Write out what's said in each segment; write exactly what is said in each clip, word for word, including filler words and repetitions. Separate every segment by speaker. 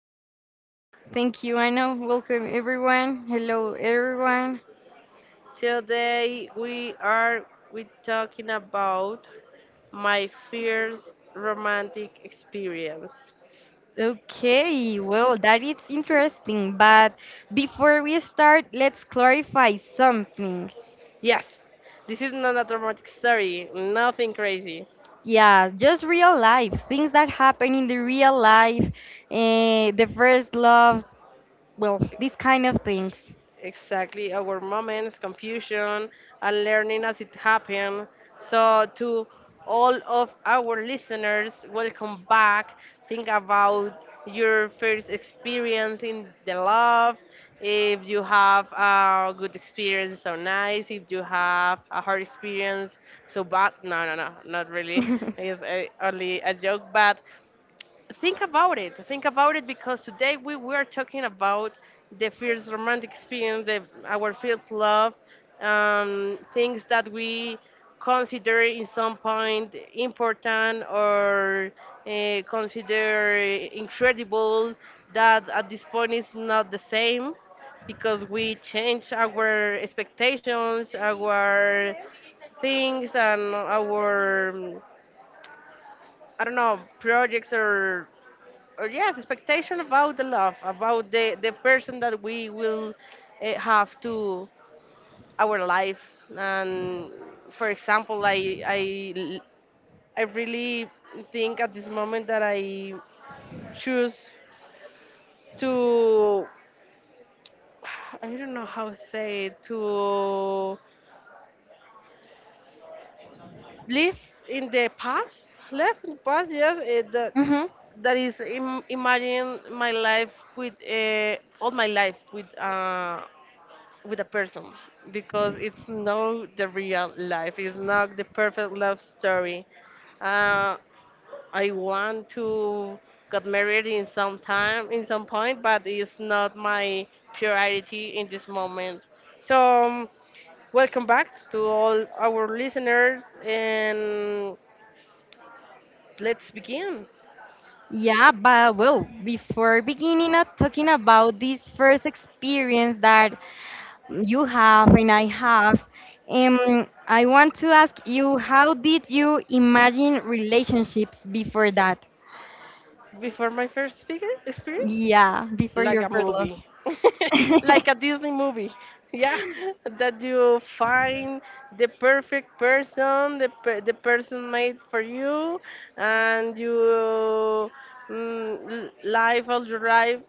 Speaker 1: Laura.
Speaker 2: Thank you, Anna. Welcome, everyone. Hello, everyone.
Speaker 1: Today we are we talking about my first romantic experience.
Speaker 2: Okay, well, that is interesting, but before we start, let's clarify something.
Speaker 1: Yes, this is not a romantic story, nothing crazy.
Speaker 2: Yeah, just real life, things that happen in the real life, eh, the first love, well, these kind of things.
Speaker 1: Exactly, our moments, confusion, and learning as it happened. So, to all of our listeners, welcome back. Think about your first experience in the love. If you have a good experience, so nice. If you have a hard experience, so bad. No, no, no, not really. It's uh, only a joke. But think about it. Think about it, because today we were talking about the first romantic experience, the, our first love, um, things that we consider in some point important, or uh, consider incredible, that at this point is not the same because we change our expectations, our things, and our, um, I don't know, projects or or yes, expectation about the love, about the the person that we will uh, have to our life. And for example, I I l- I really think at this moment that I choose to I don't know how to say it, to live in the past, live in the past. Yes, eh, that
Speaker 2: Mm-hmm.
Speaker 1: that is Im- imagine my life with uh, all my life with uh, with a person, because it's not the real life. It's not the perfect love story. Uh, I want to get married in some time, in some point, but it's not my priority in this moment. So, um, welcome back to all our listeners, and let's begin.
Speaker 2: Yeah, but well, before beginning of talking about this first experience that you have, and I have. Um, I want to ask you, how did you imagine relationships before that?
Speaker 1: Before my first speaker experience,
Speaker 2: Yeah, before
Speaker 1: like
Speaker 2: your
Speaker 1: a
Speaker 2: first love.
Speaker 1: movie, like a Disney movie. Yeah, that you find the perfect person, the, per- the person made for you, and you mm, l- live all your life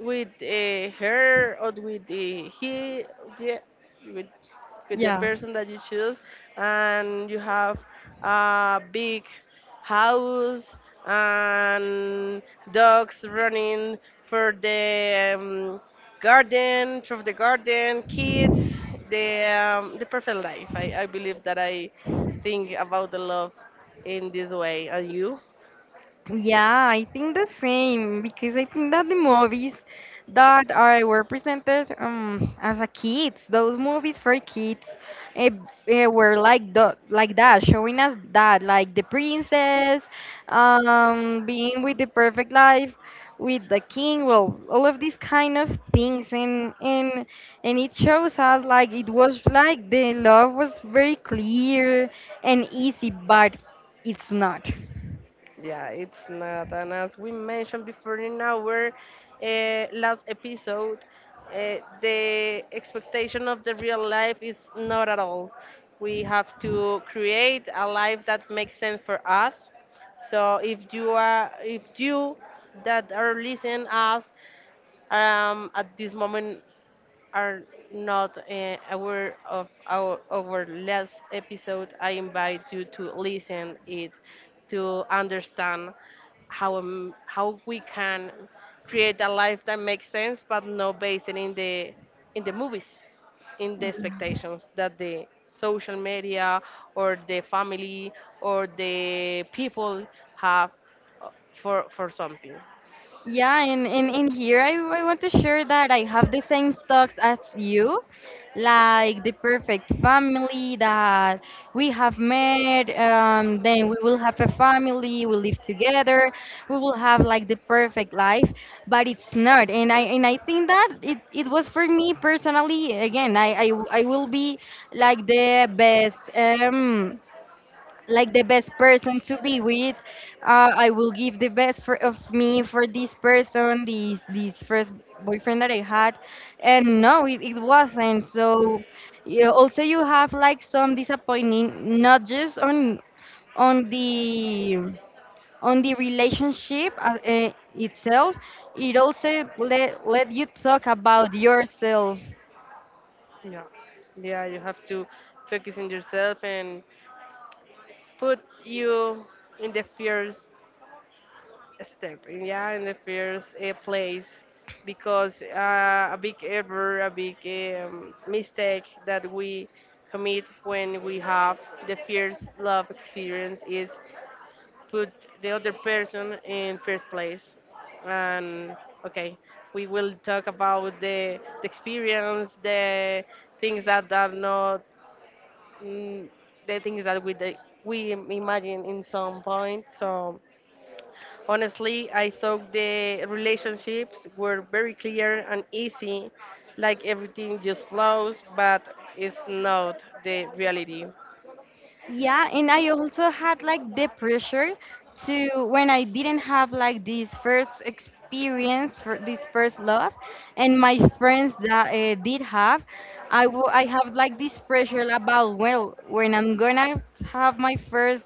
Speaker 1: with uh, her or with uh, he, yeah, with with the
Speaker 2: Yeah.
Speaker 1: person that you choose, and you have a big house and dogs running for the um, garden, through the garden, kids, the um, the perfect life. I, I believe that I think about the love in this way and you.
Speaker 2: Yeah, I think the same because I think that the movies that are were presented um as a kids, those movies for kids, eh, eh, were like the like that, showing us that like the princess, um, being with the perfect life, with the king, well, all of these kind of things, and and and it shows us like it was like the love was very clear and easy, but it's not.
Speaker 1: Yeah, it's not. And as we mentioned before in our uh, last episode, uh, the expectation of the real life is not at all. We have to create a life that makes sense for us. So if you are, if you that are listening us um, at this moment are not uh, aware of our, our last episode, I invite you to listen it to understand how um, how we can create a life that makes sense, but not based in the in the movies, in the expectations that the social media or the family or the people have uh, for for something.
Speaker 2: Yeah, and, and, and here I, I want to share that I have the same stocks as you, like the perfect family that we have met. Um, then we will have a family, we live together, we will have like the perfect life, but it's not. And I and I think that it, it was for me personally. Again, I, I, I will be like the best. Um, like the best person to be with. Uh, I will give the best for, of me for this person, this this first boyfriend that I had, and no, it, it wasn't. So you, also you have like some disappointing, not just on on the on the relationship uh, uh, itself. It also let let you talk about yourself.
Speaker 1: Yeah, yeah, you have to focus on yourself and put you in the first step, in- yeah, in the first uh, place, because uh, a big error, a big um, mistake that we commit when we have the first love experience is put the other person in first place, and okay. We will talk about the, the experience, the things that are not mm, the things that we the, we imagine in some point. So honestly, I thought the relationships were very clear and easy, like everything just flows, but it's not the reality.
Speaker 2: Yeah, and I also had like the pressure to when I didn't have like this first experience for this first love, and my friends that uh, did have, I w- I have like this pressure about well when I'm gonna have my first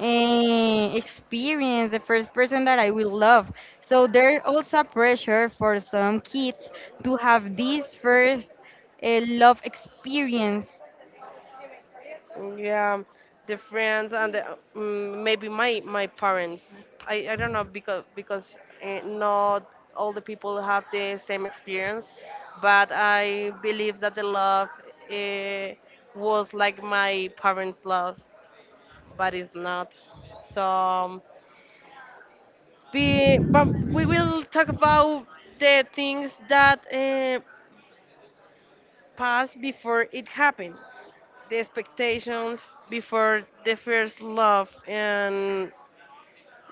Speaker 2: uh, experience, the first person that I will love. So there's also pressure for some kids to have this first uh, love experience.
Speaker 1: Mm, Yeah, the friends and the, um, maybe my my parents. I, I don't know, because because uh, not all the people have the same experience, but I believe that the love uh, was like my parents' love, but it's not. So um, be but we will talk about the things that uh, passed before it happened, the expectations before the first love, and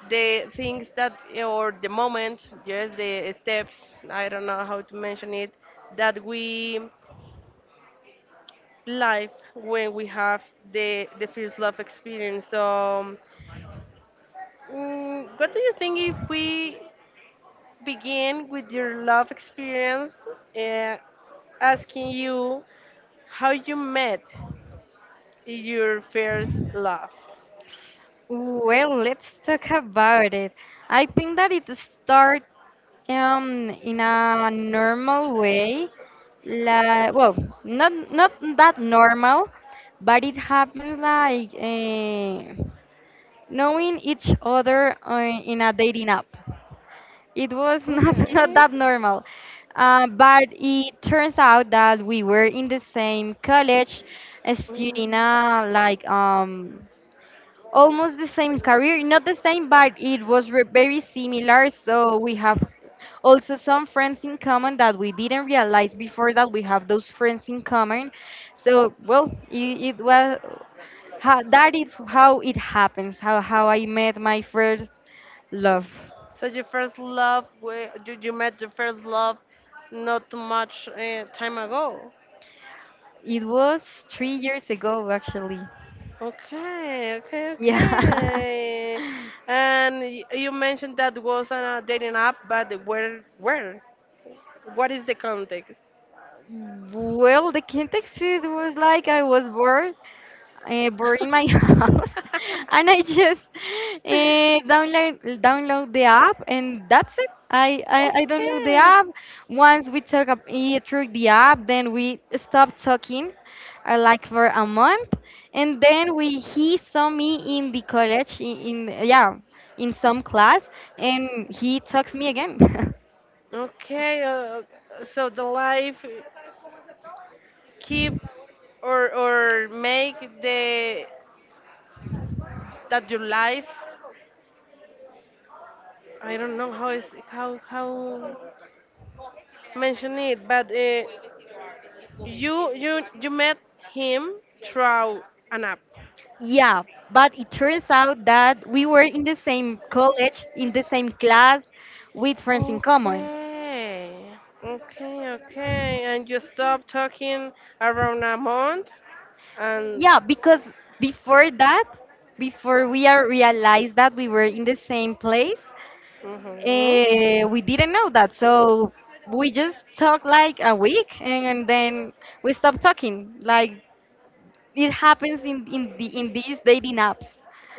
Speaker 1: the things that or the moments, yes, the steps. I don't know how to mention it, that we live when we have the the first love experience. So mm, what do you think if we begin with your love experience, uh, asking you how you met your first love?
Speaker 2: Well, let's talk about it. I think that it starts um, in a normal way. Like, well, not not that normal, but it happens like eh, knowing each other uh, in a dating app. It was not not
Speaker 1: Okay.
Speaker 2: that normal, uh, but it turns out that we were in the same college, uh,
Speaker 1: Mm.
Speaker 2: studying uh, like um almost the same career, not the same, but it was re- very similar. So we have also some friends in common that we didn't realize before that we have those friends in common. So well, it, it was how, that is how it happens. How how I met my first love.
Speaker 1: So your first love, where you, you met your first love not too much uh, time ago.
Speaker 2: It was three years ago, actually.
Speaker 1: Okay, okay,
Speaker 2: Yeah.
Speaker 1: okay. And y- you mentioned that was on a dating app, but where, where? What is the context?
Speaker 2: Well, the context is was like I was bored uh, bored in my house, and I just uh, download download the app, and that's it. I, I, I download the
Speaker 1: Okay,
Speaker 2: app. Once we talk ab- eh, through the app, then we stop talking, uh, like for a month, and then we he saw me in the college in, in yeah in some class, and he talks me again.
Speaker 1: okay. Uh, so the life keep or or make the that your life. I don't know how is how how mention it, but uh, you you you met him through an app.
Speaker 2: Yeah, but it turns out that we were in the same college, in the same class, with friends in common.
Speaker 1: Okay, okay, okay, and you stopped talking around a month, and
Speaker 2: Yeah, because before that, before we are realized that we were in the same place,
Speaker 1: hmm.
Speaker 2: uh, we didn't know that. So we just talked like a week, and then we stopped talking. Like it happens in in the in these dating apps.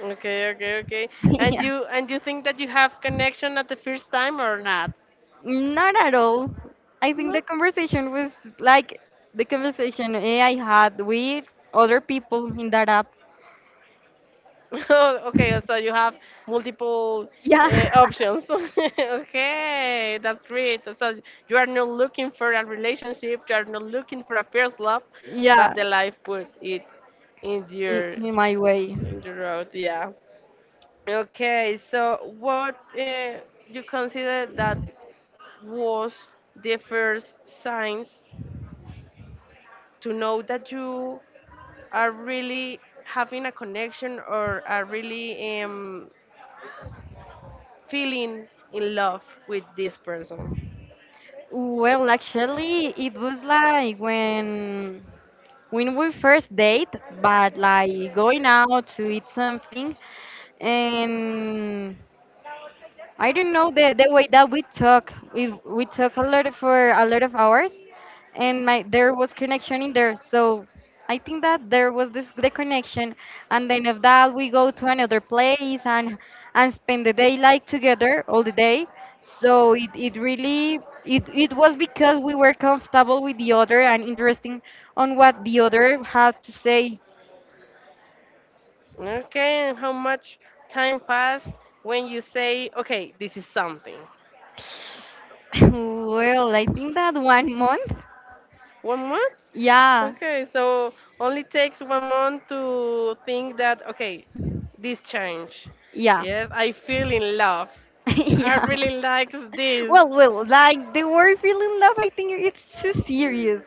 Speaker 1: Okay, okay, okay, and
Speaker 2: Yeah,
Speaker 1: you and you think that you have connection at the first time or not?
Speaker 2: not at all. I think the
Speaker 1: No.
Speaker 2: conversation was like the conversation eh, I had with other people in that app.
Speaker 1: Okay, so you have multiple
Speaker 2: Yeah,
Speaker 1: uh, options. Okay, that's great. So you are not looking for a relationship, you are not looking for a first love, but
Speaker 2: yeah,
Speaker 1: the life put it in
Speaker 2: in,
Speaker 1: your
Speaker 2: in my way.
Speaker 1: in your road. Yeah. Okay, so what uh, you consider that was the first signs to know that you are really having a connection or are really um, feeling in love with this person.
Speaker 2: Well, actually, it was like when when we first date, but like going out to eat something, and I don't know the the way that we talk. We we talk a lot for a lot of hours, and my there was connection in there. So I think that there was this the connection, and then of that we go to another place and and spend the day like together all the day. So it, it really it, it was because we were comfortable with the other and interesting on what the other had to say.
Speaker 1: Okay, and how much time passed when you say, okay, this is something?
Speaker 2: Well, I think that one month.
Speaker 1: One month?
Speaker 2: Yeah.
Speaker 1: Okay, so only takes one month to think that, okay, this change.
Speaker 2: Yeah.
Speaker 1: Yes, I feel in love. I
Speaker 2: Yeah.
Speaker 1: really likes this.
Speaker 2: Well, well, like the word feeling love, I think it's too serious.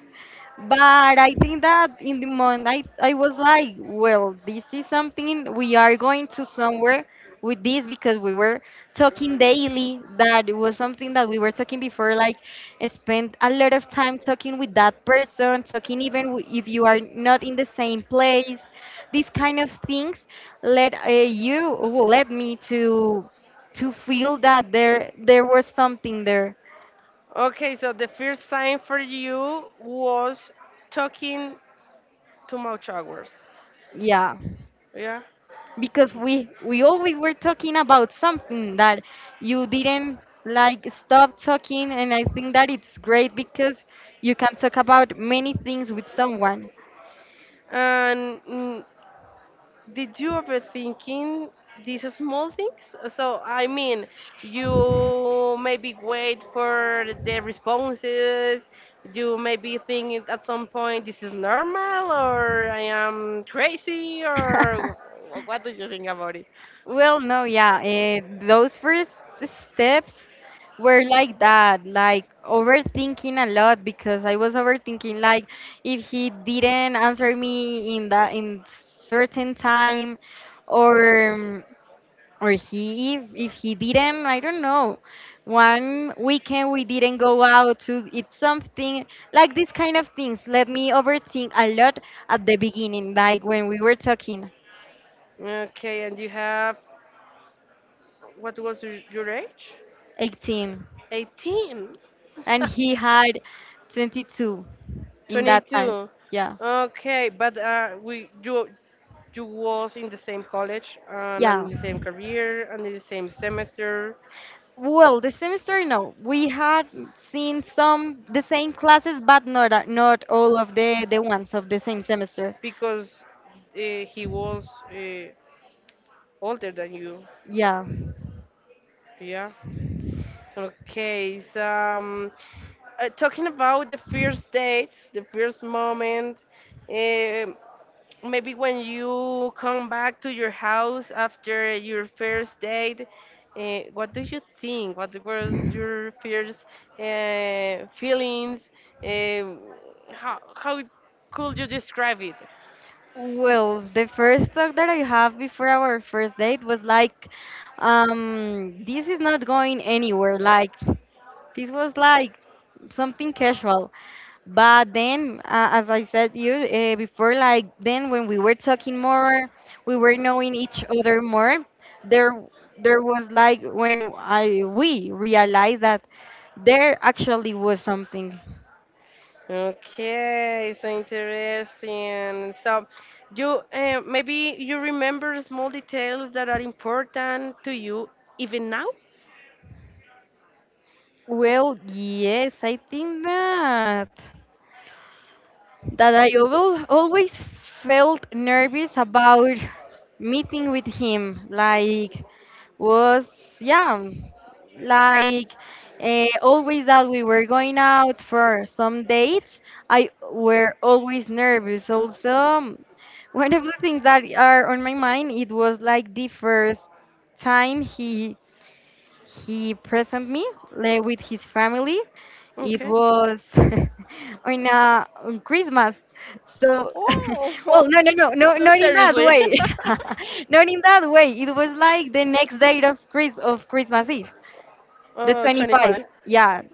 Speaker 2: But I think that in the moment, I, I was like, well, this is something we are going to somewhere with this because we were talking daily. That it was something that we were talking before, like spend a lot of time talking with that person, talking even w- if you are not in the same place. These kind of things let uh, you, well, let me to to feel that there there was something there.
Speaker 1: Okay, so the first sign for you was talking too much hours.
Speaker 2: Yeah,
Speaker 1: Yeah.
Speaker 2: because we we always were talking about something that you didn't like stop talking, and I think that it's great because you can talk about many things with someone.
Speaker 1: And mm, did you ever thinking these small things? So I mean, you maybe wait for the responses. You maybe think at some point this is normal or I am crazy or wh- what do you think about it?
Speaker 2: Well, no, yeah. Eh, those first steps were like that, like overthinking a lot because I was overthinking like if he didn't answer me in that in certain time or um, or he if, if he didn't, I don't know. One weekend we didn't go out to eat something like these kind of things let me overthink a lot at the beginning, like when we were talking.
Speaker 1: Okay, and you have, what was your your age?
Speaker 2: eighteen.
Speaker 1: eighteen.
Speaker 2: And he had twenty-two in that time.
Speaker 1: twenty-two.
Speaker 2: Yeah.
Speaker 1: Okay, but uh, we you you was in the same college and
Speaker 2: Yeah.
Speaker 1: in the same career and in the same semester
Speaker 2: Well, this semester, no. We had seen some the same classes, but not a- not all of the the ones of the same semester.
Speaker 1: because uh, he was uh, older than you,
Speaker 2: Yeah.
Speaker 1: yeah. Okay, so um, uh, talking about the first dates, the first moment. Um Maybe when you come back to your house after your first date, uh, what do you think? What was your first uh, feelings? Uh, how how could you describe it?
Speaker 2: Well, the first thought that I have before our first date was like, um, this is not going anywhere. Like, this was like something casual. But then, uh, as I said you uh, before, like then when we were talking more, we were knowing each other more. There, there was like when I we realized that there actually was something.
Speaker 1: Okay, so interesting. So, you uh, maybe you remember small details that are important to you even now?
Speaker 2: Well, yes, I think that that I al- always felt nervous about meeting with him. Like was yeah like uh, always that we were going out for some dates I were always nervous. Also, um, one of the things that are on my mind it was like the first time he he present me like, with his family. It
Speaker 1: Okay.
Speaker 2: was on uh, on Christmas. So, well,
Speaker 1: Oh,
Speaker 2: no, no, no, no,
Speaker 1: so
Speaker 2: not in that
Speaker 1: seriously.
Speaker 2: way. Not in that way. It was like the next day of Chris of Christmas Eve, the
Speaker 1: Oh, twenty
Speaker 2: twenty-fifth.
Speaker 1: five.
Speaker 2: Yeah.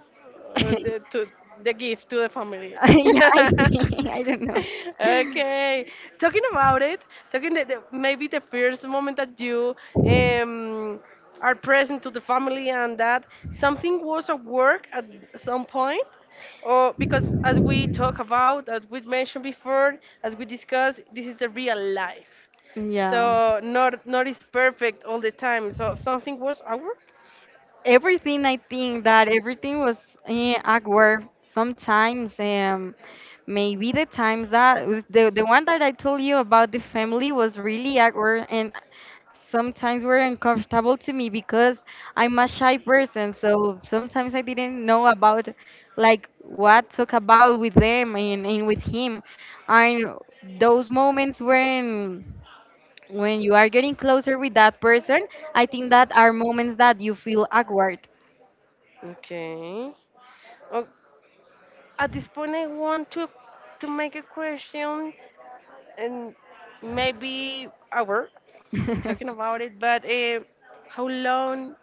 Speaker 1: uh, the, To the gift to the family.
Speaker 2: Yeah, I think, I don't know.
Speaker 1: Okay, talking about it, talking the, the, maybe the first moment that you um, are present to the family and that something was at work at some point. Or because, as we talk about, as we mentioned before, as we discussed, this is the real life,
Speaker 2: Yeah.
Speaker 1: so not not is perfect all the time. So something was at work.
Speaker 2: Everything, I think that everything was eh, awkward sometimes. Um, maybe the times that was- the the one that I told you about the family was really awkward, and sometimes were uncomfortable to me because I'm a shy person, so sometimes I didn't know about like what talk about with them and, and with him. And those moments when when you are getting closer with that person, I think that are moments that you feel awkward.
Speaker 1: Okay. At this point, I want to to make a question and maybe hour talking about it. But uh, how long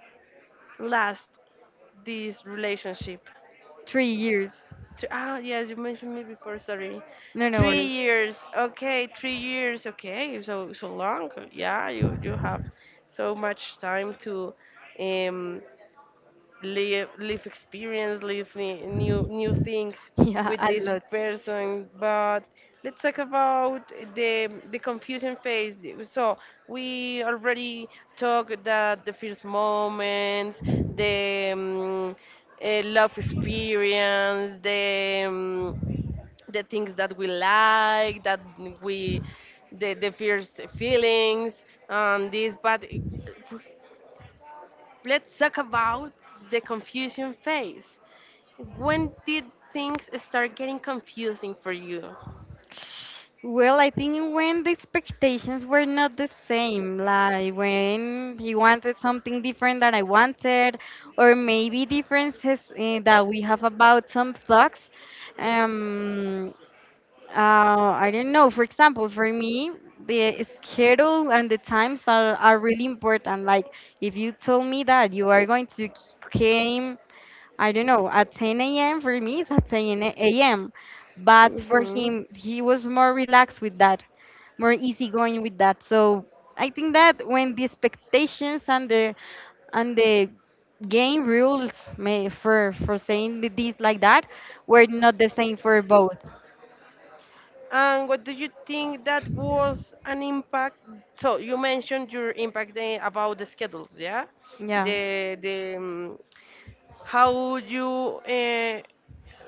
Speaker 1: lasts this relationship?
Speaker 2: Three years.
Speaker 1: Th- Ah, yes, you mentioned me before. Sorry,
Speaker 2: No, no
Speaker 1: three
Speaker 2: worries.
Speaker 1: years. Okay, three years. Okay, so so long. Yeah, you you have so much time to um live, live experience, live ni- new new things
Speaker 2: Yeah,
Speaker 1: with
Speaker 2: a
Speaker 1: this
Speaker 2: lot.
Speaker 1: person. But let's talk about the the confusion phase. So we already talked that the first moments, the um, uh, love experience, the um, the things that we like, that we the the first feelings and this. But eh, let's talk about the confusion phase. When did things start getting confusing for you?
Speaker 2: Well, I think when the expectations were not the same, like when he wanted something different than I wanted, or maybe differences eh, that we have about some thoughts. Um, uh, I don't know. For example, for me, the schedule and the times are, are really important. Like if you told me that you are going to came I don't know, at ten a m, for me it's at ten a m. But for
Speaker 1: Hmm.
Speaker 2: him, he was more relaxed with that, more easygoing with that. So I think that when the expectations and the and the game rules may, for for saying th- this like that were not the same for both.
Speaker 1: And what do you think that was an impact? So you mentioned your impact, eh, about the schedules, yeah?
Speaker 2: Yeah,
Speaker 1: The the um, How you uh,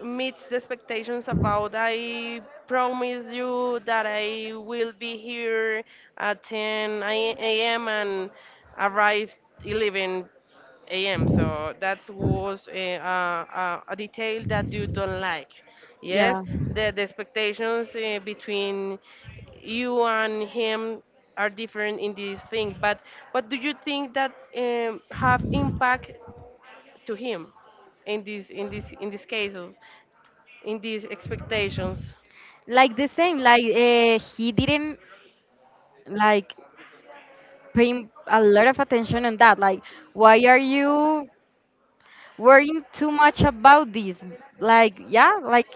Speaker 1: meet the expectations about I promise you that I will be here at ten a m and arrive eleven a m. So that was a, uh, uh, a detail that you don't like. Yes,
Speaker 2: yeah,
Speaker 1: the, the expectations uh, between you and him are different in this thing. But what do you think that um, have impact to him in these in this in these cases, in these expectations?
Speaker 2: like the same. Like uh, he didn't like paying a lot of attention on that. Like, why are you worrying too much about this. Like, yeah, like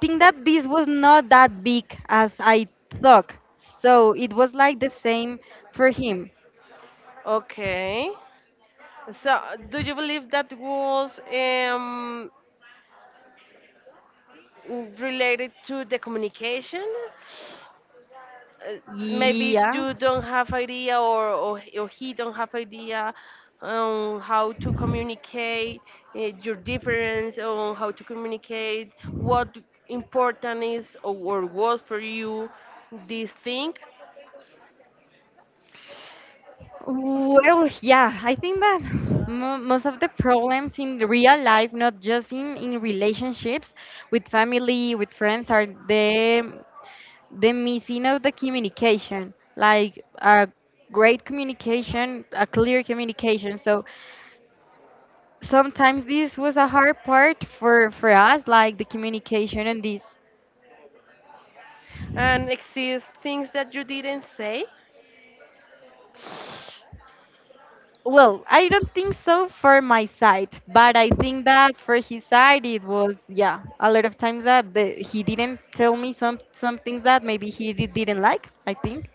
Speaker 2: think that this was not that big as I thought. So it was like the same for him.
Speaker 1: Okay. So, do you believe that was um, related to the communication? uh, Maybe
Speaker 2: Yeah.
Speaker 1: you don't have idea or, or, or he don't have idea on how to communicate uh, your difference on how to communicate what important is or, or was for you this thing,
Speaker 2: Well, yeah, I think that mo- most of the problems in the real life, not just in, in relationships with family, with friends, are the the missing of the communication, like a great communication, a clear communication. So sometimes this was a hard part for for us like the communication and this.
Speaker 1: and exist things that you didn't say.
Speaker 2: Well, I don't think so for my side, but I think that for his side it was, yeah, a lot of times that the, he didn't tell me some some things that maybe he did, didn't like, I think.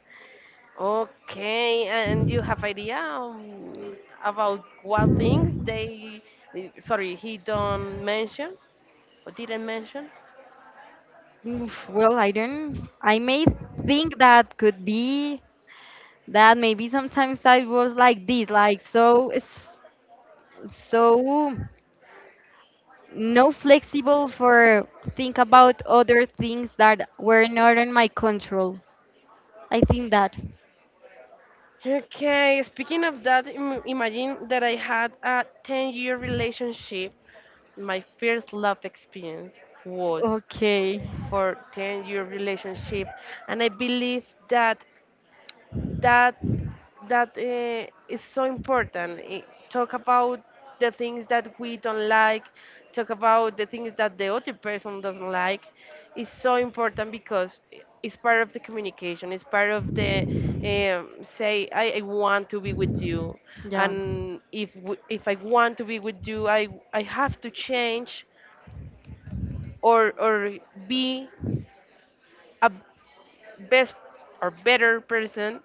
Speaker 1: Okay, and you have idea um, about what things they, sorry, he don't mention or didn't mention.
Speaker 2: Oof, well, I don't, I may think that could be that maybe sometimes I was like this, like so it's so no flexible for think about other things that were not in my control. I think that.
Speaker 1: Okay, speaking of that, im- imagine that I had a ten year relationship. My first love experience was
Speaker 2: Okay.
Speaker 1: for ten year relationship, and I believe that that that uh, is so important. I- talk about the things that we don't like, talk about the things that the other person doesn't like. Is so important, because i- it's part of the communication. It's part of the um, say I, I want to be with you,
Speaker 2: Yeah.
Speaker 1: and if w- if I want to be with you, I I have to change or or be a best or better person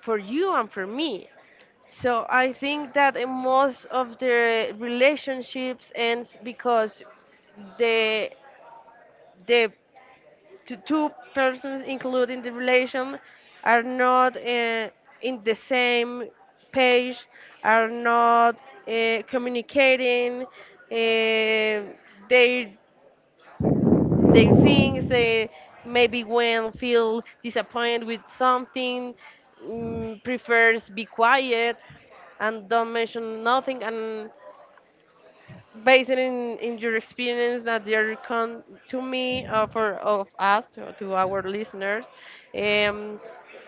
Speaker 1: for you and for me. So I think that in most of the relationships ends because the the t- two persons including the relation are not uh, in the same page, are not uh, communicating. Uh, they they things they maybe when feel disappointed with something, mm, prefers be quiet and don't mention nothing. And based in, in your experience that you come to me or for of us to, to our listeners, um,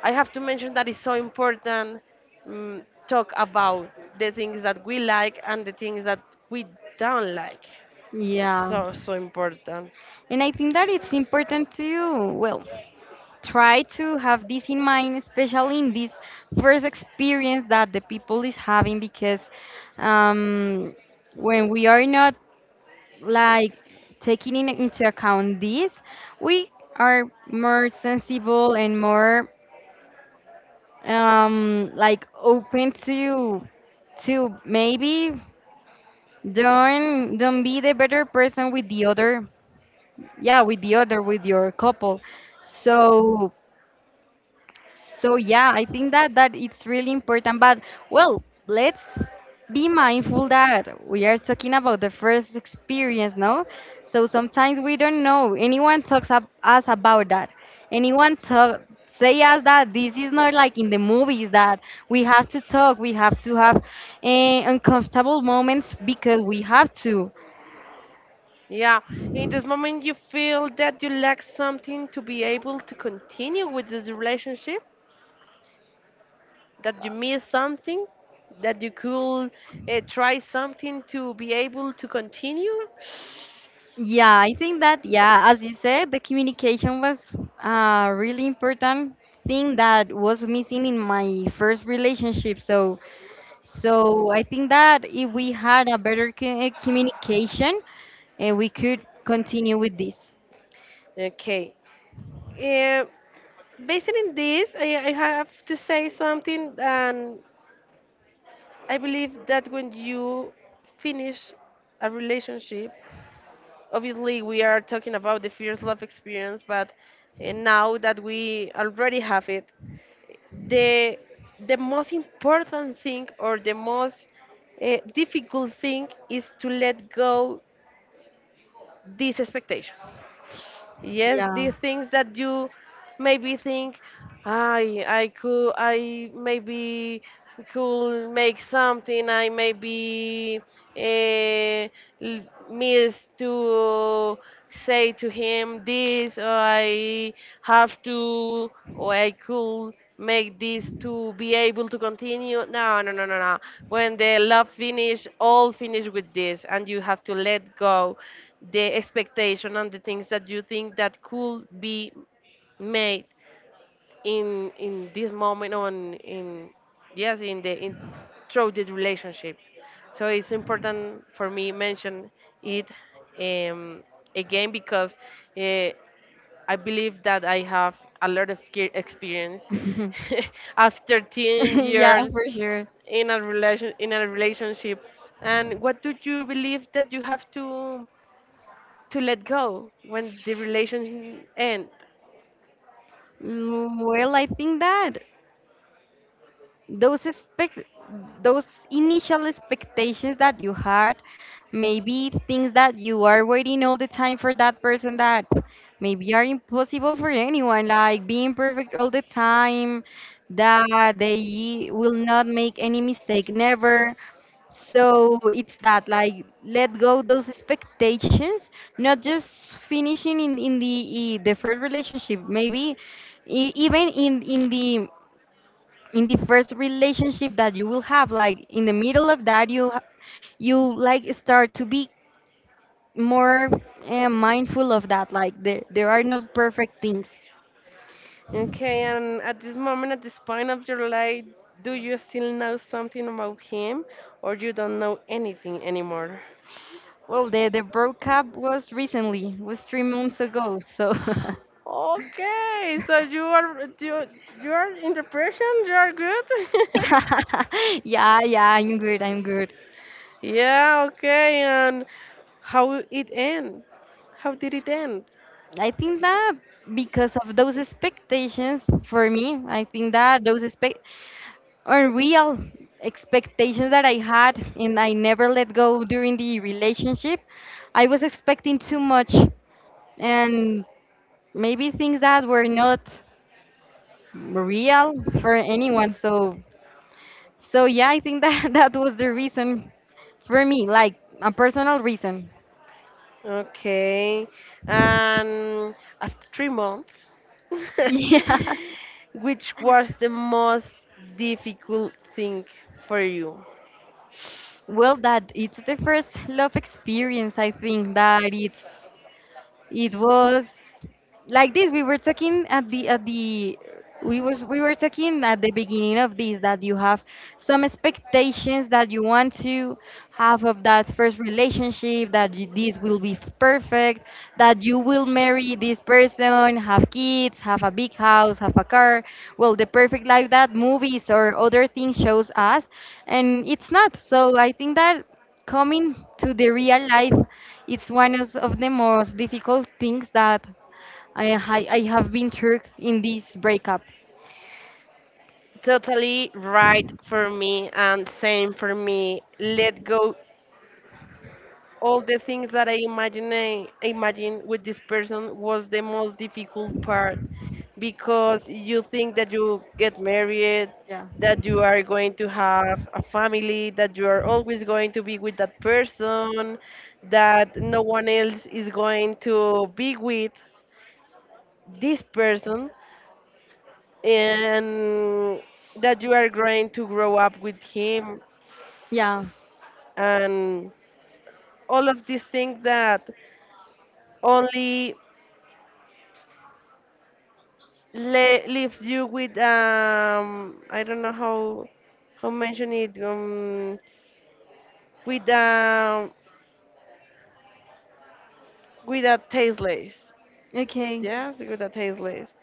Speaker 1: I have to mention that it's so important, um, talk about the things that we like and the things that we don't like.
Speaker 2: Yeah.
Speaker 1: So so important.
Speaker 2: And I think that it's important to, well, try to have this in mind, especially in this first experience that the people is having, because um, when we are not like taking in, into account this, we are more sensible and more um like open to to maybe don't don't be the better person with the other, yeah, with the other, with your couple, so so yeah, I think that that it's really important. But, well, let's be mindful that we are talking about the first experience, no? So sometimes we don't know. Anyone talks ab us about that. Anyone talk say us that this is not like in the movies, that we have to talk. We have to have eh, uncomfortable moments because we have to.
Speaker 1: Yeah, in this moment, you feel that you lack something to be able to continue with this relationship, that you miss something, that you could uh, try something to be able to continue.
Speaker 2: Yeah, I think that, yeah, as you said, the communication was a really important thing that was missing in my first relationship. So, so I think that if we had a better co- eh, communication, eh, we could continue with this.
Speaker 1: Okay. Uh, based on this, I, I have to say something, and I believe that when you finish a relationship, obviously, we are talking about the first love experience, but uh, now that we already have it, the the most important thing or the most uh, difficult thing is to let go these expectations, yes, the
Speaker 2: Yeah.
Speaker 1: things that you maybe think i i could, i maybe could make something, i maybe uh, l- miss to say to him this, or I have to, or I could make this to be able to continue. No, no, no, no, no. When the love finish, all finish with this, and you have to let go the expectation and the things that you think that could be made in in this moment on in, yes, in the in through the relationship. So it's important for me mention it, um, again because uh, I believe that I have a lot of ge- experience after ten
Speaker 2: Yeah,
Speaker 1: years
Speaker 2: for sure.
Speaker 1: in a relation in a relationship, and what do you believe that you have to to let go when the relationship end?
Speaker 2: Mm, Well, I think that those expect those initial expectations that you had, maybe things that you are waiting all the time for that person, that maybe are impossible for anyone, like being perfect all the time, that they will not make any mistake never. So it's that, like, let go those expectations, not just finishing in, in the i- the first relationship, maybe e- even in in the in the first relationship that you will have, like in the middle of that you ha- you like start to be more uh, mindful of that, like there, there are no perfect things.
Speaker 1: Okay, and at this moment, at this point of your life, do you still know something about him, or you don't know anything anymore?
Speaker 2: Well, the the breakup was recently, was three months ago, so.
Speaker 1: Okay, so you are you you are in depression. You are good.
Speaker 2: Yeah, yeah, I'm good, I'm good.
Speaker 1: Yeah. Okay, and how it end? How did it end?
Speaker 2: I think that because of those expectations for me, I think that those expect unreal expectations that I had and I never let go during the relationship. I was expecting too much, and maybe things that were not real for anyone. So so yeah, I think that that was the reason for me, like a personal reason.
Speaker 1: Okay, and after three months,
Speaker 2: Yeah.
Speaker 1: which was the most difficult thing for you?
Speaker 2: Well, that it's the first love experience, I think that it's. It was like this. We were talking at the at the we was we were talking at the beginning of this, that you have some expectations that you want to have of that first relationship, that you, this will be f- perfect, that you will marry this person, have kids, have a big house, have a car. Well, the perfect life that movies or other things shows us, and it's not. So I think that coming to the real life, it's one of of the most difficult things that I, I, I have been through in this breakup.
Speaker 1: Totally right for me, and same for me. Let go all the things that I imagine imagine with this person was the most difficult part, because you think that you get married,
Speaker 2: Yeah.
Speaker 1: that you are going to have a family, that you are always going to be with that person, that no one else is going to be with this person, and that you are going to grow up with him
Speaker 2: Yeah.
Speaker 1: and all of these things that only le- leaves you with, um I don't know how how mention it, um with um with a tasteless,
Speaker 2: Okay.
Speaker 1: yes, with a tasteless,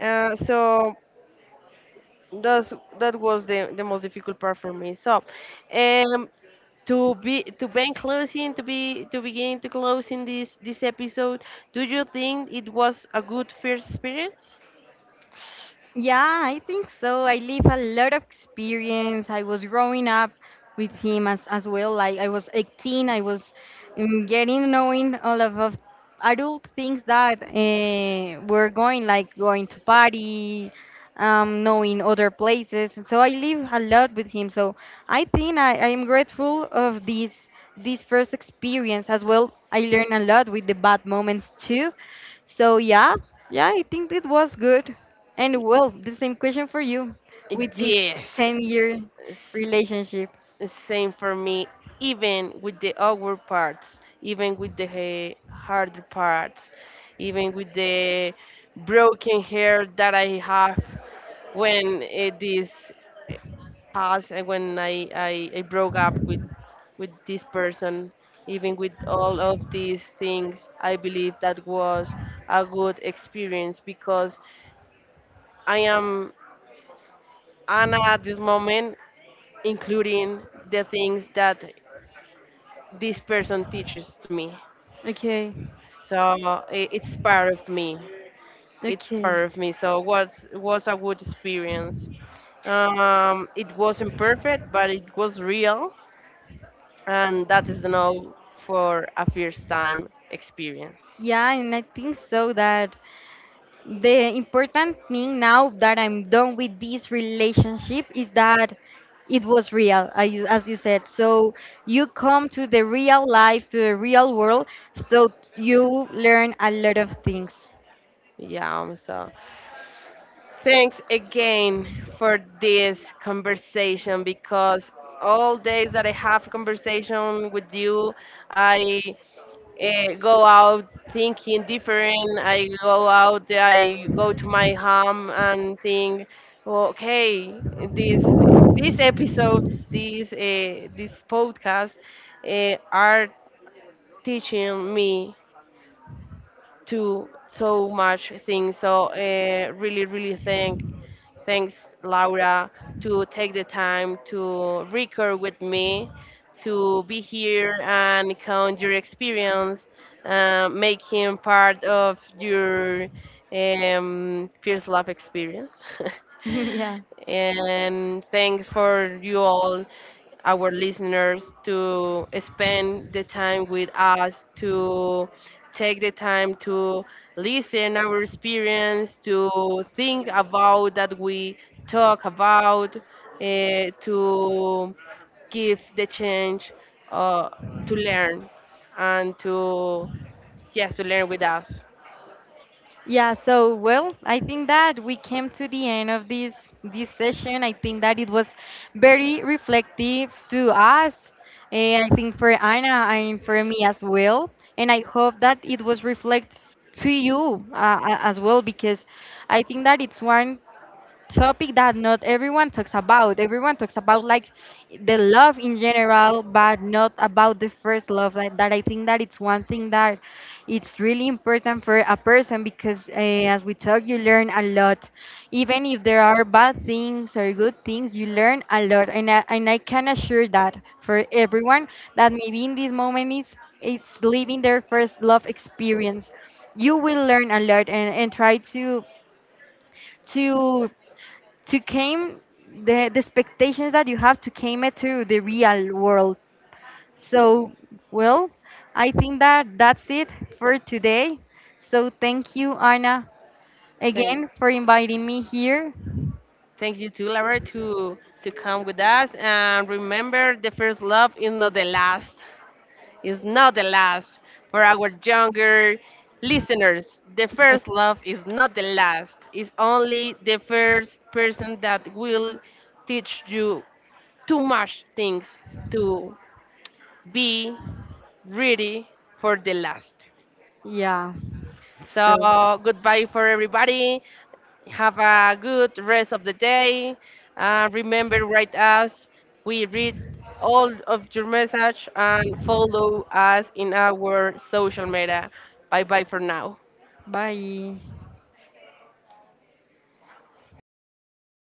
Speaker 1: uh, so that's that was the the most difficult part for me. So, um to be to be closing to be to begin to closing this this episode, do you think it was a good first experience?
Speaker 2: Yeah, I think so. I live a lot of experience. I was growing up with him as, as well. Like, I was eighteen. I was um, getting knowing all of, of adult things that uh, were going, like going to party, um, knowing other places. And so I live a lot with him. So I think I, I am grateful of this this first experience as well. I learned a lot with the bad moments too. So yeah, yeah, I think it was good. And,
Speaker 1: Y-
Speaker 2: well, the same question for you with this
Speaker 1: yes
Speaker 2: 10 year
Speaker 1: S-
Speaker 2: relationship.
Speaker 1: Same for me, even with the awkward parts, even with the eh, harder parts, even with the broken hair that I have when, eh, this eh, past, and when I, I i broke up with with this person, even with all of these things I believe that was a good experience, because I am Anna at this moment, including the things that this person teaches to me.
Speaker 2: Okay,
Speaker 1: So i- it's part of me, it's
Speaker 2: okay.
Speaker 1: part of me. So was was a good experience. Um, it wasn't perfect, but it was real, and that is enough for a first time experience.
Speaker 2: Yeah, and I think so that the important thing now that I'm done with this relationship is that it was real, as you as you said. So you come to the real life, to the real world, so you learn a lot of things.
Speaker 1: Yeah. Um, so thanks again for this conversation, because all days that I have conversation with you, i uh, go out thinking different. I go out, I go to my home and think, okay, these these episodes, these uh, this podcast uh, are teaching me to so much things. So uh, really, really thank— Thanks, Laura, to take the time to record with me, to be here and count your experience, uh, making part of your, um, Fierce Love experience.
Speaker 2: Yeah.
Speaker 1: And thanks for you all, our listeners, to spend the time with us to take the time to listen our experience, to think about that we talk about, eh, to give the change uh, to learn and to, yes, to learn with us.
Speaker 2: Yeah, so, well, I think that we came to the end of this this session. I think that it was very reflective to us, and I think for Anna and for me as well. And I hope that it was reflects to you, uh, a- as well, because I think that it's one topic that not everyone talks about. Everyone talks about, like, the love in general, but not about the first love. Like, that, I think that it's one thing that it's really important for a person, because uh, as we talk, you learn a lot. Even if there are bad things or good things, you learn a lot, and I, and I can assure that for everyone that maybe in this moment it's it's living their first love experience, you will learn a lot, and, and try to to to came the, the expectations that you have, to came it to the real world. So, well, I think that that's it for today. So thank you, Anna,
Speaker 1: Thank
Speaker 2: again, for inviting me here.
Speaker 1: thank you to Laura to to come with us, and remember, the first love is not the last. Is not the last. For our younger listeners, the first love is not the last. It's only the first person that will teach you too much things to be ready for the last.
Speaker 2: Yeah, so
Speaker 1: So goodbye for everybody. Have a good rest of the day. Uh, remember, write us. We read all of your message and follow us in our social media. Bye bye for now.
Speaker 2: bye.